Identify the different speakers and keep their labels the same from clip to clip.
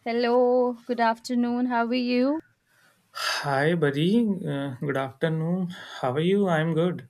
Speaker 1: Hello, good afternoon. How are you?
Speaker 2: Hi, buddy. Good afternoon. How are you? I'm good.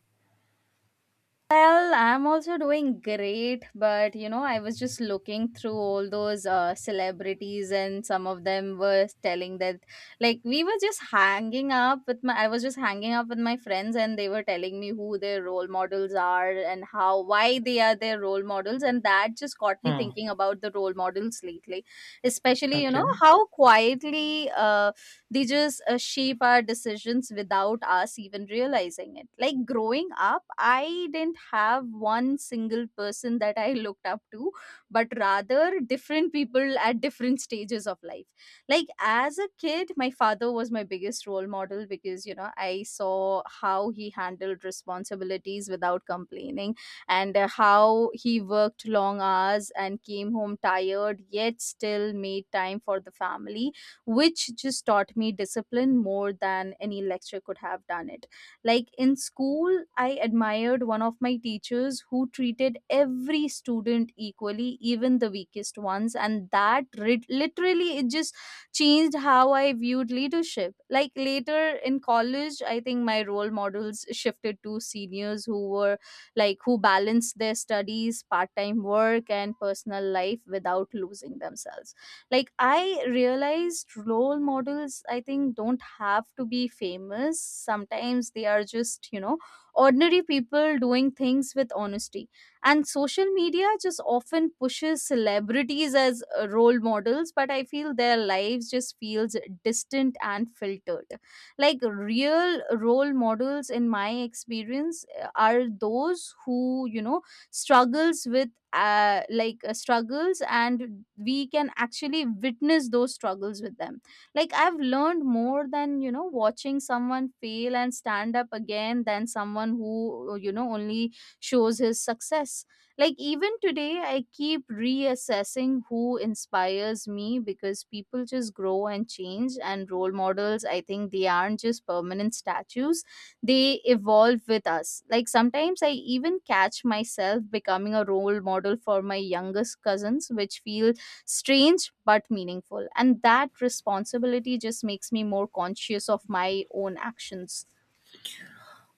Speaker 1: Well, I'm also doing great, but you know, I was just looking through all those celebrities, and some of them were telling that, like, we were just hanging up with my, I was just hanging up with my friends, and they were telling me who their role models are and how, why they are their role models, and that just got me
Speaker 2: Hmm.
Speaker 1: thinking about the role models lately, especially, you know,
Speaker 2: Okay.
Speaker 1: how quietly, they just shape our decisions without us even realizing it. Like growing up, I didn't have one single person that I looked up to, but rather different people at different stages of life. Like as a kid, my father was my biggest role model because, you know, I saw how he handled responsibilities without complaining, and how he worked long hours and came home tired, yet still made time for the family, which just taught me discipline more than any lecture could have done it. Like in school, I admired one of my teachers who treated every student equally, even the weakest ones, and literally it just changed how I viewed leadership. Like later in college, I think my role models shifted to seniors who were like, who balanced their studies, part time work, and personal life without losing themselves. Like I realized role models, I think, don't have to be famous. Sometimes they are just, you know, ordinary people doing things with honesty. And social media just often pushes celebrities as role models, but I feel their lives just feels distant and filtered. Like real role models in my experience are those who, you know, struggles with like struggles, and we can actually witness those struggles with them. Like I've learned more than, you know, watching someone fail and stand up again than someone who, you know, only shows his success. Like even today I keep reassessing who inspires me, because people just grow and change, and role models, I think, they aren't just permanent statues, they evolve with us. Like sometimes I even catch myself becoming a role model for my youngest cousins, which feel strange but meaningful. And that responsibility just makes me more conscious of my own actions.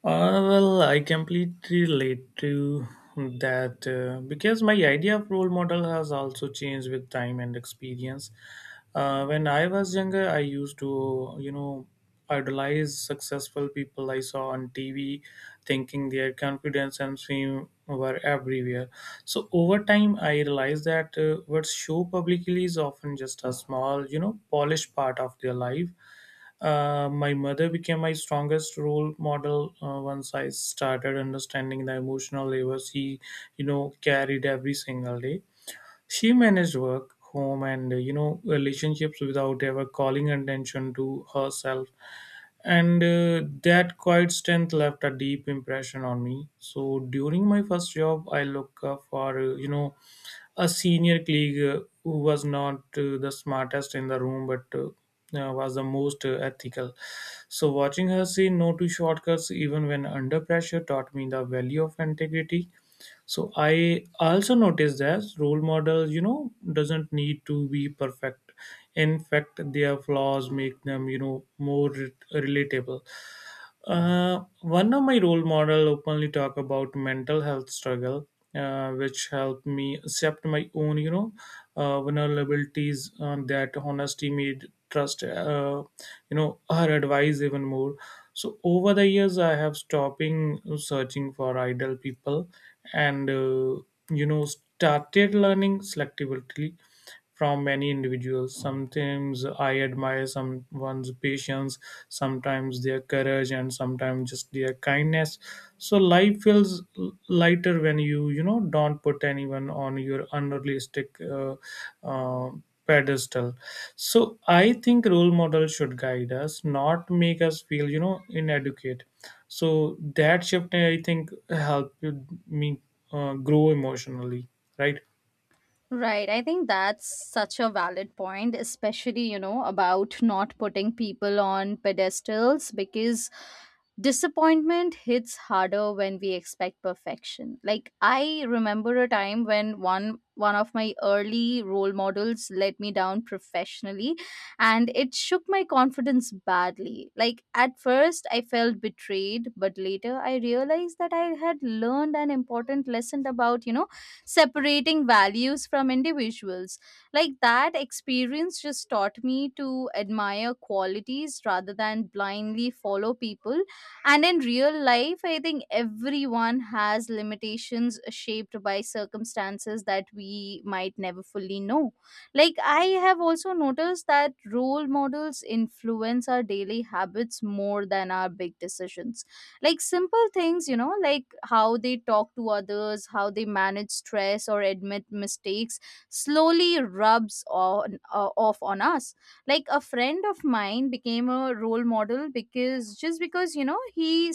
Speaker 2: Well, I completely relate to that because my idea of role model has also changed with time and experience. When I was younger, I used to, idolize successful people I saw on TV, thinking their confidence and fame were everywhere. So over time, I realized that what's show publicly is often just a small, you know, polished part of their life. My mother became my strongest role model once I started understanding the emotional labor she, you know, carried every single day. She managed work, home, and you know relationships without ever calling attention to herself, and that quiet strength left a deep impression on me. So during my first job, I looked for you know a senior colleague who was not the smartest in the room, but was the most ethical. So watching her say no to shortcuts even when under pressure taught me the value of integrity. So I also noticed that role models you know doesn't need to be perfect. In fact, their flaws make them you know more relatable. One of my role model openly talk about mental health struggle, which helped me accept my own vulnerabilities. That honesty made trust you know her advice even more. So over the years I have stopping searching for ideal people, and you know started learning selectively from many individuals. Sometimes I admire someone's patience, sometimes their courage, and sometimes just their kindness. So life feels lighter when you know don't put anyone on your unrealistic uh, pedestal. So I think role models should guide us, not make us feel you know inadequate. So that shift I think helped me grow emotionally, right?
Speaker 1: Right. I think that's such a valid point, especially, you know, about not putting people on pedestals because disappointment hits harder when we expect perfection. Like I remember a time when one of my early role models let me down professionally, and it shook my confidence badly. Like at first I felt betrayed, but later I realized that I had learned an important lesson about, you know, separating values from individuals. Like that experience just taught me to admire qualities rather than blindly follow people. And in real life, I think everyone has limitations shaped by circumstances that we might never fully know. Like I have also noticed that role models influence our daily habits more than our big decisions. Like simple things, you know, like how they talk to others, how they manage stress or admit mistakes, slowly rubs on off on us. Like a friend of mine became a role model because, just because, you know, he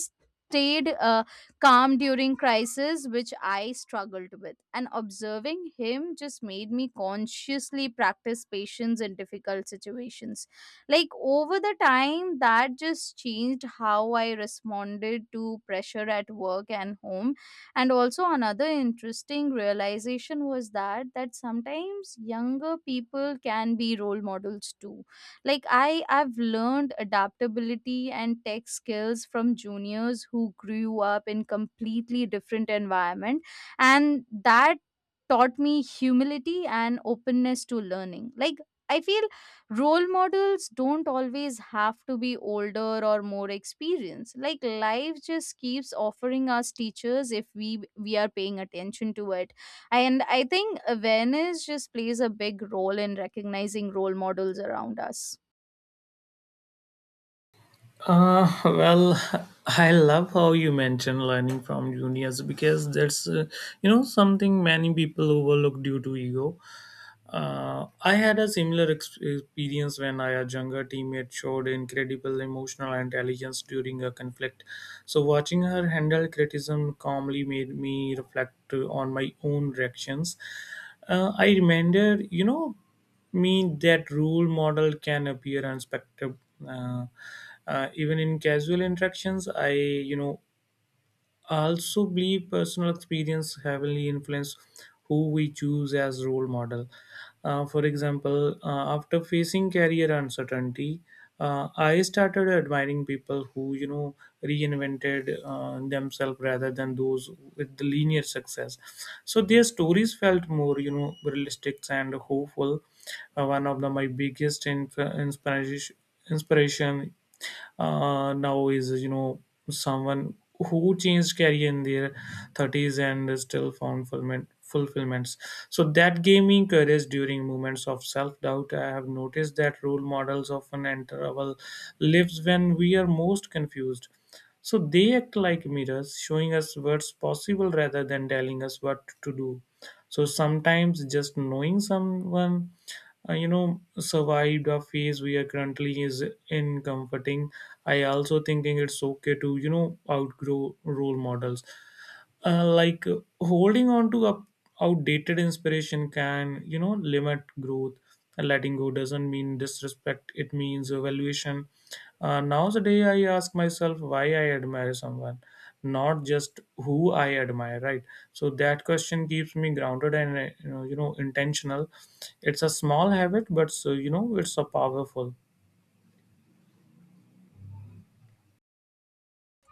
Speaker 1: stayed calm during crisis, which I struggled with, and observing him just made me consciously practice patience in difficult situations. Like over the time, that just changed how I responded to pressure at work and home. And also another interesting realization was that sometimes younger people can be role models too. Like I've learned adaptability and tech skills from juniors who grew up in completely different environment, and that taught me humility and openness to learning. Like I feel role models don't always have to be older or more experienced. Like life just keeps offering us teachers if we are paying attention to it. And I think awareness just plays a big role in recognizing role models around us.
Speaker 2: Well, I love how you mention learning from juniors because that's you know something many people overlook due to ego. I had a similar experience when I, a younger teammate showed incredible emotional intelligence during a conflict. So, watching her handle criticism calmly made me reflect on my own reactions. I remembered, you know, me that role model can appear unexpected. Uh, Even in casual interactions, I, you know, I also believe personal experience heavily influence who we choose as role model. For example, after facing career uncertainty, I started admiring people who you know reinvented themselves rather than those with the linear success. So their stories felt more you know realistic and hopeful. One of the, my biggest inspiration now is you know someone who changed career in their 30s and still found fulfillments. So that gave me courage during moments of self-doubt. I have noticed that role models often enter our lives when we are most confused. So they act like mirrors, showing us what's possible rather than telling us what to do. So sometimes just knowing someone you know survived a phase we are currently is in comforting. I also thinking it's okay to you know outgrow role models, holding on to up outdated inspiration can you know limit growth. Letting go doesn't mean disrespect, it means evaluation. Nowadays I ask myself why I admire someone, not just who I admire, right? So that question keeps me grounded and you know intentional. It's a small habit, but so you know it's a powerful.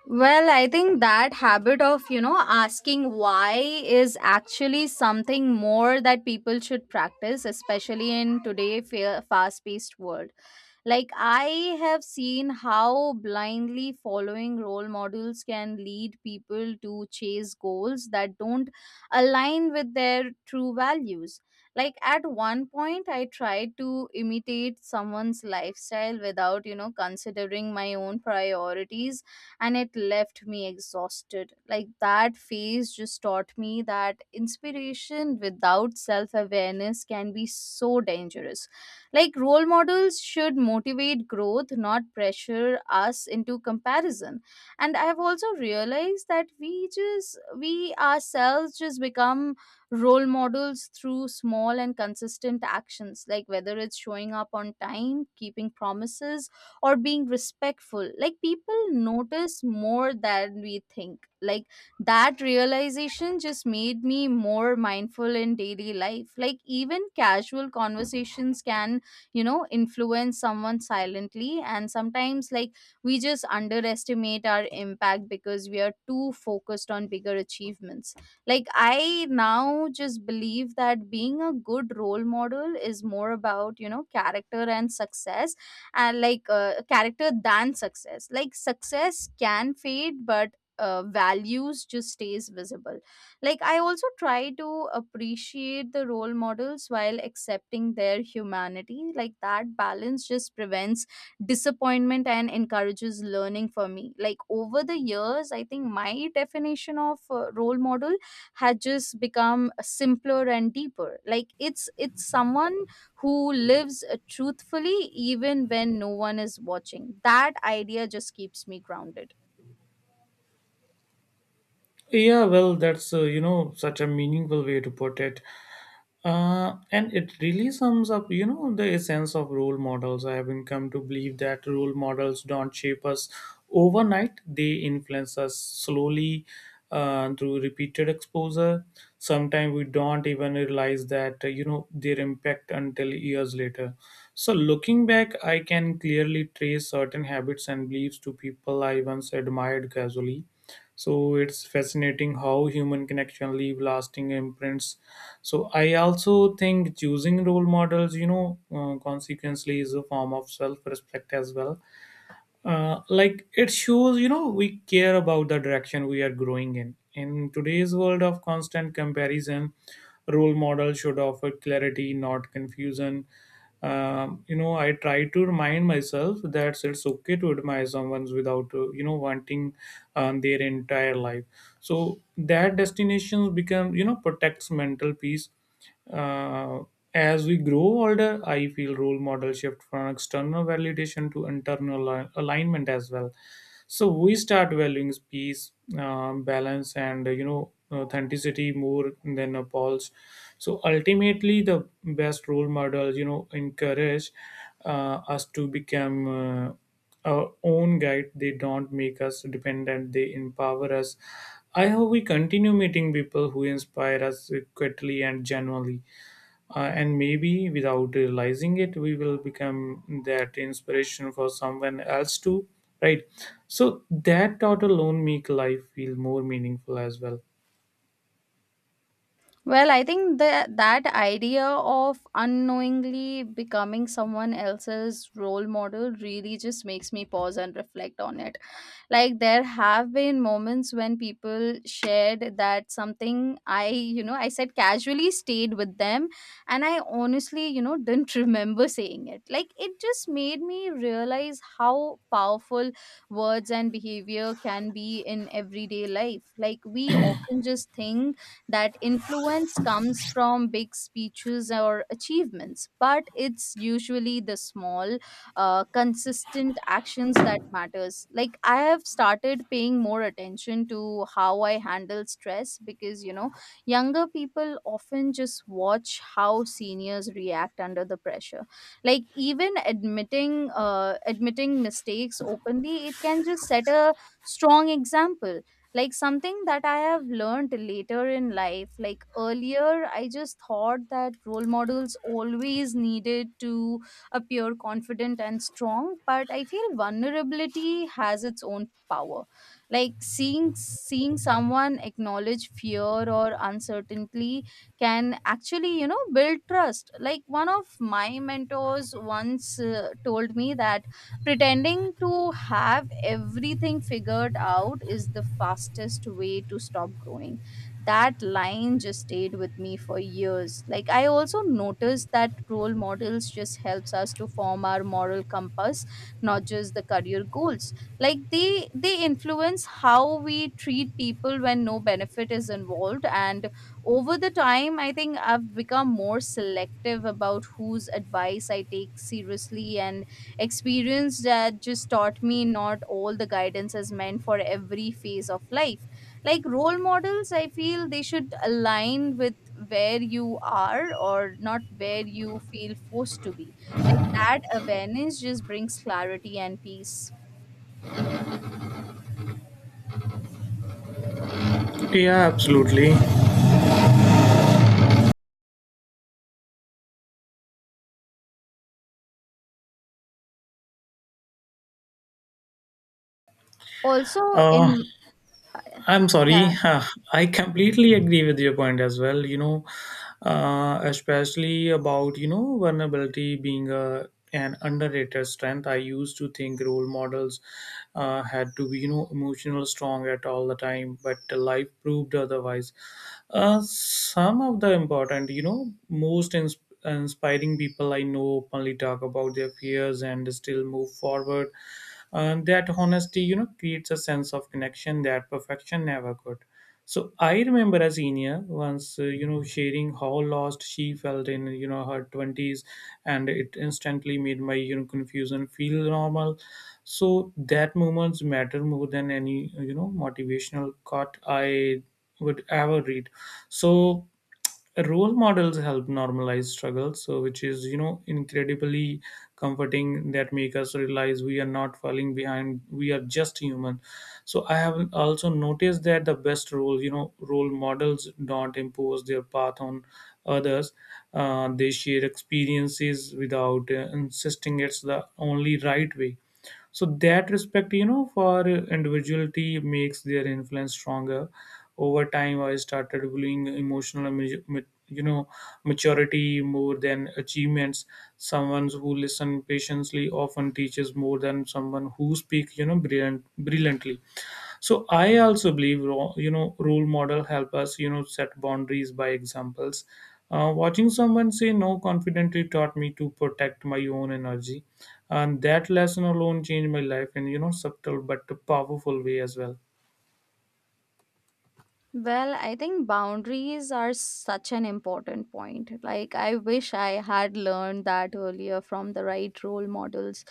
Speaker 1: Well, I think that habit of, you know, asking why is actually something more that people should practice, especially in today's fast paced world. Like, I have seen how blindly following role models can lead people to chase goals that don't align with their true values. Like, at one point, I tried to imitate someone's lifestyle without, you know, considering my own priorities, and it left me exhausted. Like that phase just taught me that inspiration without self awareness can be so dangerous. Like role models should motivate growth, not pressure us into comparison. And I have also realized that we just, we ourselves just become role models through small and consistent actions, like whether it's showing up on time, keeping promises or being respectful. Like people notice more than we think. Like that realization just made me more mindful in daily life. Like even casual conversations can, you know, influence someone silently. And sometimes, like, we just underestimate our impact because we are too focused on bigger achievements. Like I now just believe that being a good role model is more about, you know, character than success. Like success can fade, but values just stays visible. Like I also try to appreciate the role models while accepting their humanity. Like that balance just prevents disappointment and encourages learning for me. Like over the years, I think my definition of role model had just become simpler and deeper. Like it's someone who lives truthfully even when no one is watching. That idea just keeps me grounded.
Speaker 2: Yeah, well that's you know such a meaningful way to put it, and it really sums up you know the essence of role models. I have been come to believe that role models don't shape us overnight, they influence us slowly through repeated exposure. Sometimes we don't even realize that you know their impact until years later. So looking back, I can clearly trace certain habits and beliefs to people I once admired casually. So it's fascinating how human connection leave lasting imprints. So I also think choosing role models you know consequently is a form of self-respect as well. Like it shows you know we care about the direction we are growing in. In today's world of constant comparison, role model should offer clarity, not confusion. You know I try to remind myself that it's okay to admire someone without you know wanting their entire life. So that destinations become you know protects mental peace. Uh, as we grow older, I feel role model shift from external validation to internal alignment as well. So we start valuing peace, balance, and you know authenticity more than a pulse. So ultimately the best role models you know encourage us to become uh, our own guide. They don't make us dependent, they empower us. I hope we continue meeting people who inspire us quietly and genuinely, and maybe without realizing it, we will become that inspiration for someone else too, right? So that thought alone make life feel more meaningful as well.
Speaker 1: Well, I think that idea of unknowingly becoming someone else's role model really just makes me pause and reflect on it. Like there have been moments when people shared that something I, you know, I said casually stayed with them, and I honestly, you know, didn't remember saying it. Like it just made me realize how powerful words and behavior can be in everyday life. Like we often just think that influence comes from big speeches or achievements, but it's usually the small, consistent actions that matters. Like I have started paying more attention to how I handle stress, because, you know, younger people often just watch how seniors react under the pressure. Like even admitting mistakes openly, it can just set a strong example, like something that I have learned later in life. Like earlier, I just thought that role models always needed to appear confident and strong, but I feel vulnerability has its own power. Like seeing someone acknowledge fear or uncertainty can actually, you know, build trust. Like one of my mentors once told me that pretending to have everything figured out is the fastest way to stop growing. That line just stayed with me for years. Like I also noticed that role models just helps us to form our moral compass, not just the career goals. Like they influence how we treat people when no benefit is involved. And over the time, I think I've become more selective about whose advice I take seriously, and experience that just taught me not all the guidance is meant for every phase of life. Like role models, I feel, they should align with where you are or not where you feel forced to be. Like that awareness just brings clarity and peace.
Speaker 2: Yeah, absolutely.
Speaker 1: Also,
Speaker 2: Uh,
Speaker 1: in,
Speaker 2: I'm
Speaker 1: yeah.
Speaker 2: sorry. I completely agree with your point as well. You know, especially about you know vulnerability being a an underrated strength. I used to think role models had to be you know emotional strong at all the time, but life proved otherwise. Some of the important, you know, most inspiring people I know openly talk about their fears and still move forward. That honesty, you know, creates a sense of connection that perfection never could. So I remember a senior once, you know, sharing how lost she felt in, you know, her twenties, and it instantly made my, you know, confusion feel normal. So that moments matter more than any, you know, motivational quote I would ever read. So role models help normalize struggle, so which is you know incredibly comforting. That make us realize we are not falling behind, we are just human. So I have also noticed that the best role you know role models don't impose their path on others, they share experiences without insisting it's the only right way. So that respect you know for individuality makes their influence stronger. Over time I started valuing emotional you know maturity more than achievements. Someone who listens patiently often teaches more than someone who speaks you know brilliantly. So I also believe you know role model help us you know set boundaries by examples. Watching someone say no confidently taught me to protect my own energy, and that lesson alone changed my life in you know subtle but powerful way as well.
Speaker 1: Well, I think boundaries are such an important point. Like, I wish I had learned that earlier from the right role models.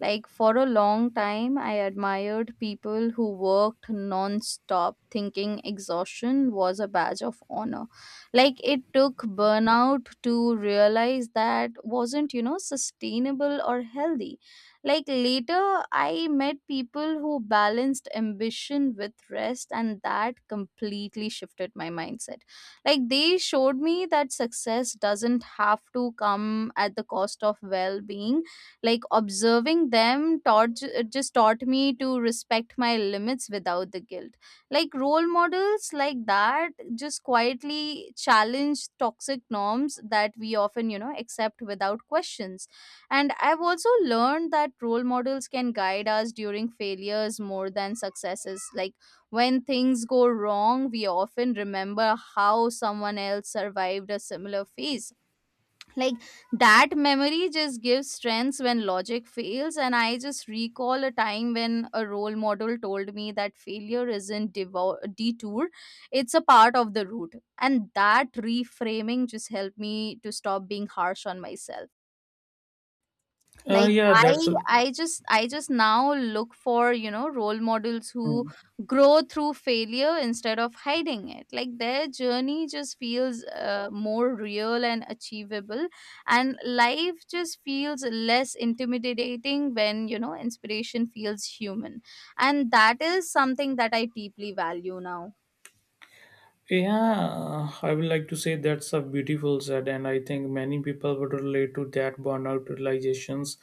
Speaker 1: Like, for a long time, I admired people who worked non stop, thinking exhaustion was a badge of honor. Like, it took burnout to realize that wasn't, you know, sustainable or healthy. Like later, I met people who balanced ambition with rest, and that completely shifted my mindset. Like they showed me that success doesn't have to come at the cost of well being. Like observing them taught, it just taught me to respect my limits without the guilt. Like role models like that just quietly challenge toxic norms that we often, you know, accept without questions. And I've also learned that role models can guide us during failures more than successes. Like when things go wrong, we often remember how someone else survived a similar phase. Like that memory just gives strength when logic fails. And I just recall a time when a role model told me that failure isn't detour, it's a part of the route. And that reframing just helped me to stop being harsh on myself.
Speaker 2: Uh,
Speaker 1: Like
Speaker 2: yeah,
Speaker 1: i
Speaker 2: that's. a,
Speaker 1: I just now look for role models who grow through failure instead of hiding it. Like their journey just feels more real and achievable, and life just feels less intimidating when inspiration feels human, and that is something that I deeply value now.
Speaker 2: Yeah, I would like to say that's a beautiful said, and I think many people would relate to that burnout realizations.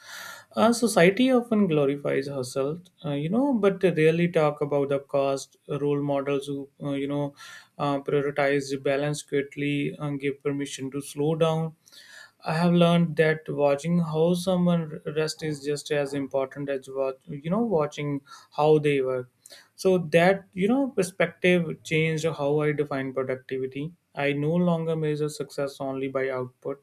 Speaker 2: Society often glorifies hustle, you know, but they rarely talk about the cost. Role models who, you know, prioritize the balance quickly and give permission to slow down. I have learned that watching how someone rest is just as important as what you know watching how they work. So that you know perspective changed how I define productivity. I no longer measure success only by output,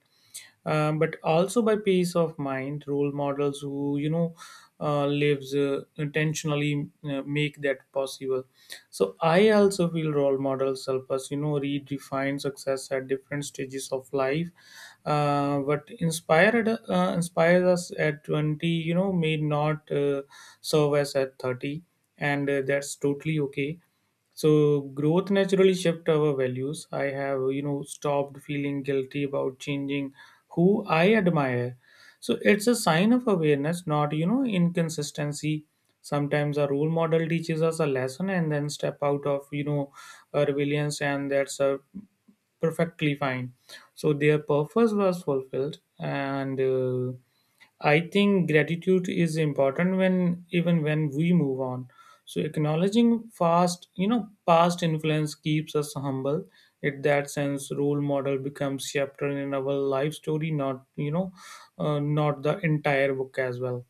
Speaker 2: but also by peace of mind. Role models who you know lives intentionally make that possible. So I also feel role models help us you know redefine success at different stages of life. What inspired inspires us at 20 you know may not serve us at 30, and that's totally okay. So growth naturally shift our values. I have, you know, stopped feeling guilty about changing who I admire. So it's a sign of awareness, not, you know, inconsistency. Sometimes a role model teaches us a lesson and then step out of, you know, a rebellion, and that's a perfectly fine. So their purpose was fulfilled, and I think gratitude is important when even when we move on. So acknowledging past, you know, past influence keeps us humble. In that sense, role model becomes chapter in our life story, not you know, not the entire book as well.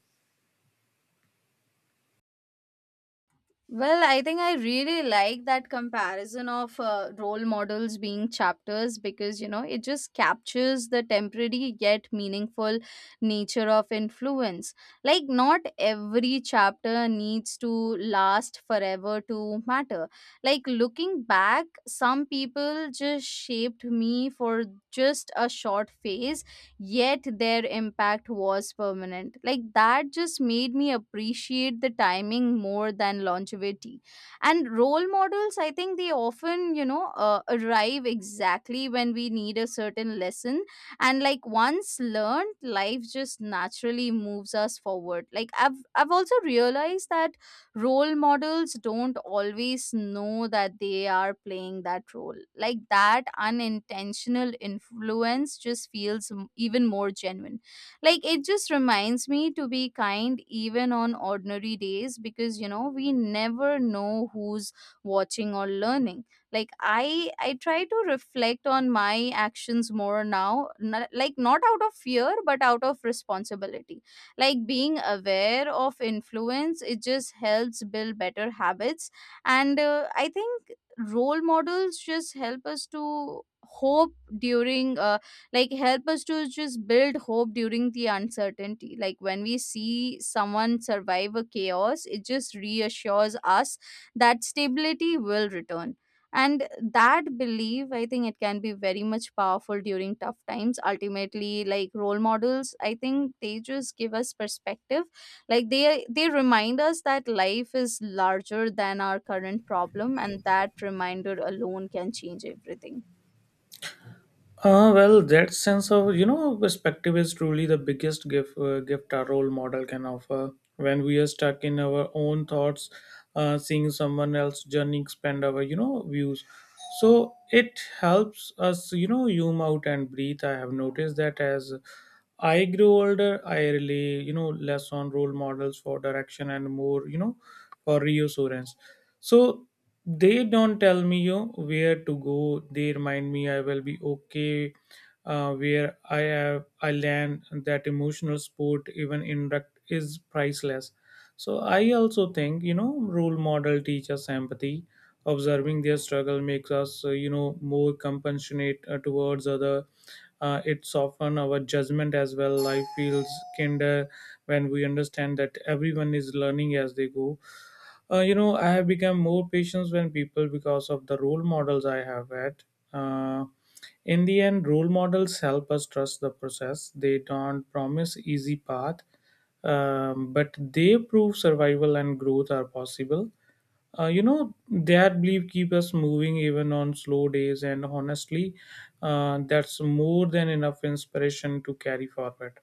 Speaker 1: Well, I think I really like that comparison of role models being chapters because, you know, it just captures the temporary yet meaningful nature of influence. Like, not every chapter needs to last forever to matter. Like, looking back, some people just shaped me for just a short phase, yet their impact was permanent. Like that just made me appreciate the timing more than longevity. And role models, I think they often, you know, arrive exactly when we need a certain lesson. And like once learned, life just naturally moves us forward. Like I've also realized that role models don't always know that they are playing that role. Like that unintentional influence just feels even more genuine. Like it just reminds me to be kind even on ordinary days, because you know we never know who's watching or learning. Like I try to reflect on my actions more now, like not out of fear but out of responsibility. Like being aware of influence, it just helps build better habits. And I think role models just help us to hope during like help us to just build hope during the uncertainty. Like when we see someone survive a chaos, it just reassures us that stability will return, and that belief, I think, it can be very much powerful during tough times. Ultimately, like, role models, I think, they just give us perspective. Like they remind us that life is larger than our current problem, and that reminder alone can change everything.
Speaker 2: Well, that sense of you know perspective is truly the biggest gift our role model can offer. When we are stuck in our own thoughts, seeing someone else journey expand our you know views, so it helps us you know zoom out and breathe. I have noticed that as I grow older, I rely you know less on role models for direction and more you know for reassurance. So they don't tell me you know, where to go. They remind me I will be okay where I have I land. That emotional support, even indirect, is priceless. So I also think you know role model teaches empathy. Observing their struggle makes us more compassionate towards other. It's often our judgment as well. Life feels kinder when we understand that everyone is learning as they go. I have become more patient when people because of the role models I have had. uh, in the end, role models help us trust the process. They don't promise easy path, but they prove survival and growth are possible. That belief keep us moving even on slow days, and honestly, that's more than enough inspiration to carry forward.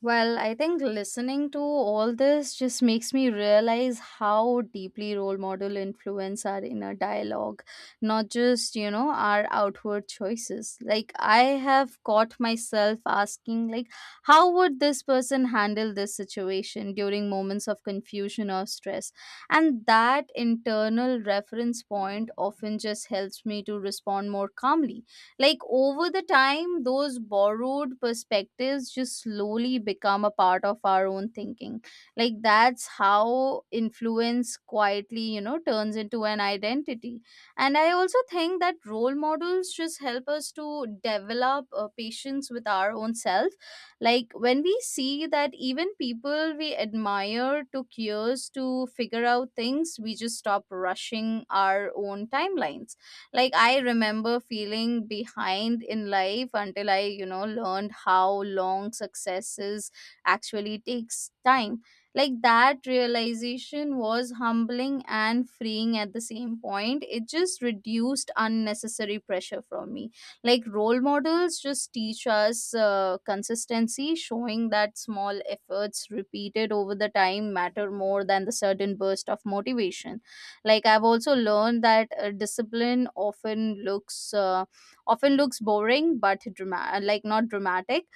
Speaker 1: Well, I think listening to all this just makes me realize how deeply role model influence our inner dialogue, not just, you know, our outward choices. Like I have caught myself asking, like, how would this person handle this situation during moments of confusion or stress? And that internal reference point often just helps me to respond more calmly. Like over the time, those borrowed perspectives just slowly become a part of our own thinking. Like that's how influence quietly, you know, turns into an identity. And I also think that role models just help us to develop patience with our own self. Like when we see that even people we admire took years to figure out things, we just stop rushing our own timelines. Like I remember feeling behind in life until i, you know, learned how long successes actually takes time. Like that realization was humbling and freeing at the same point. It just reduced unnecessary pressure from me. Like role models just teach us consistency, showing that small efforts repeated over the time matter more than the sudden burst of motivation. Like I've also learned that discipline often looks boring but dramatic, like not dramatic.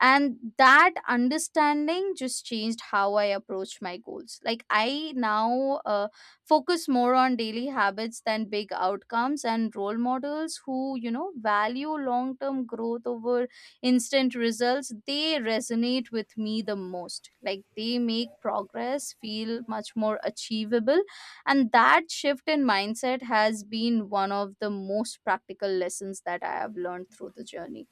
Speaker 1: And that understanding just changed how I approach my goals. Like I now focus more on daily habits than big outcomes, and role models who, you know, value long term growth over instant results, they resonate with me the most. Like they make progress feel much more achievable, and that shift in mindset has been one of the most practical lessons that I have learned through the journey.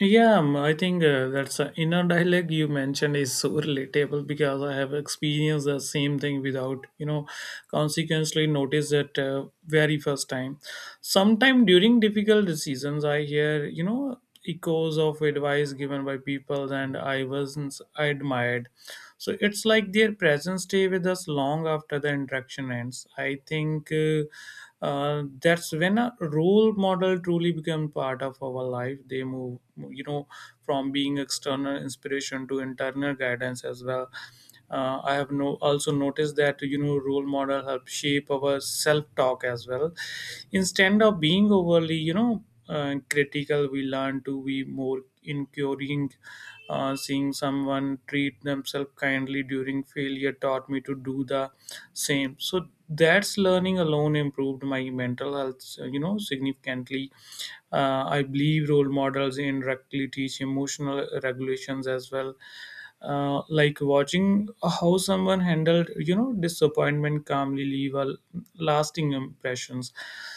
Speaker 2: Yeah. I think that's inner dialogue you mentioned is so relatable because I have experienced the same thing without consequently noticed that very first time. Sometime during difficult seasons, I hear echoes of advice given by people, and I admired. So it's like their presence stay with us long after the interaction ends. I think that's when a role model truly become part of our life. They move, you know from being external inspiration to internal guidance as well. I have no also noticed that role model help shape our self talk as well. Instead of being overly, critical, we learn to be more inquiring. Seeing someone treat themselves kindly during failure taught me to do the same. So that's learning alone improved my mental health, significantly. I believe role models indirectly teach emotional regulations as well. Like watching how someone handled disappointment calmly leave a lasting impressions.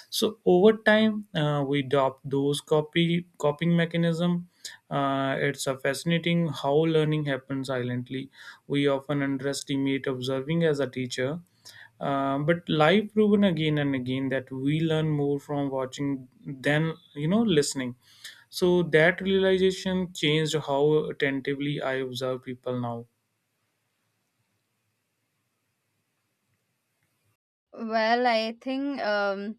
Speaker 2: So over time, we adopt those copy coping mechanism. It's a fascinating how learning happens silently. We often underestimate observing as a teacher. But life proven again and again that we learn more from watching than listening. So that realization changed how attentively I observe people now.
Speaker 1: Well, I think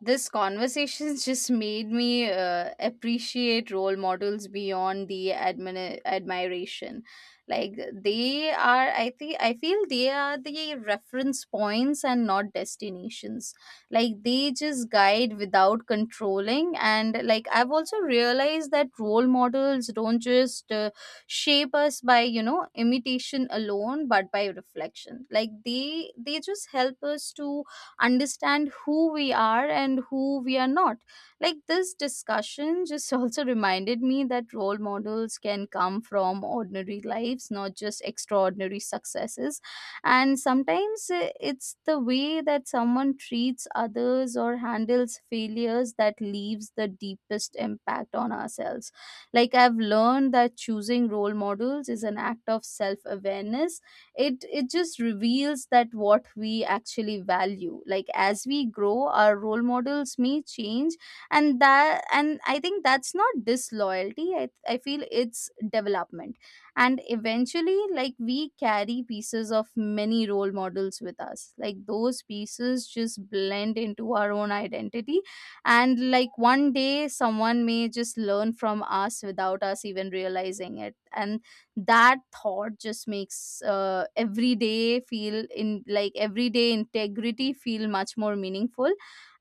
Speaker 1: this conversation just made me appreciate role models beyond the admiration. Like they are, I think I feel they are the reference points and not destinations. Like they just guide without controlling. And like I've also realized that role models don't just shape us by, you know, imitation alone, but by reflection. Like they just help us to understand who we are and who we are not. Like this discussion just also reminded me that role models can come from ordinary lives, not just extraordinary successes. And sometimes it's the way that someone treats others or handles failures that leaves the deepest impact on ourselves. Like I've learned that choosing role models is an act of self awareness. It just reveals that what we actually value. Like as we grow, our role models may change, and that, and I think that's not disloyalty. I feel it's development. And eventually, like, we carry pieces of many role models with us. Like those pieces just blend into our own identity. And like one day someone may just learn from us without us even realizing it, and that thought just makes every day feel in, like, everyday integrity feel much more meaningful.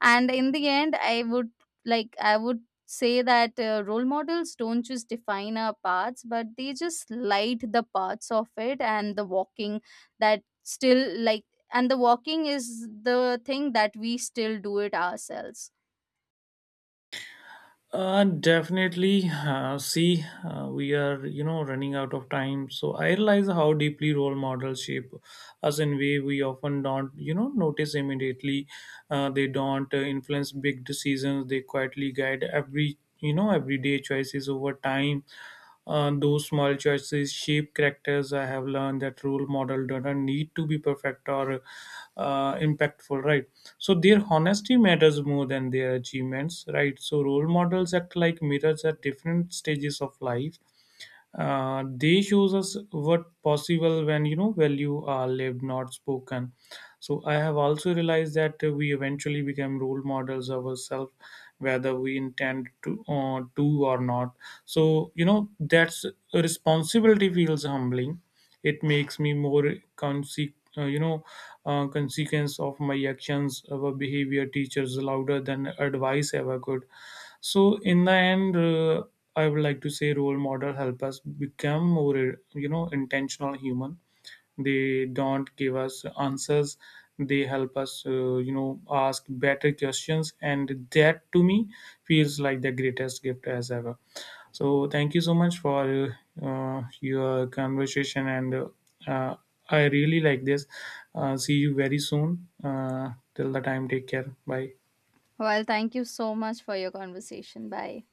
Speaker 1: And in the end, I would say that role models don't just define our paths, but they just light the paths of it, and the walking that still like and the walking is the thing that we still do it ourselves.
Speaker 2: Definitely. See, we are, running out of time. So I realize how deeply role models shape us in way we often don't, notice immediately. They don't influence big decisions. They quietly guide every, everyday choices over time. Those small choices shape characters. I have learned that role model doesn't need to be perfect or impactful, right? So their honesty matters more than their achievements, right? So role models act like mirrors at different stages of life. They shows us what possible when value are lived, not spoken. So I have also realized that we eventually become role models of ourselves, whether we intend to or not. So that's a responsibility feels humbling. It makes me more consequence of my actions. Our behavior teachers louder than advice ever could. So in the end, I would like to say role model help us become more intentional human. They don't give us answers. They help us ask better questions, and that to me feels like the greatest gift as ever. So thank you so much for your conversation, and uh, I really like this. See you very soon. Till the time, take care. Bye.
Speaker 1: Well, thank you so much for your conversation. Bye.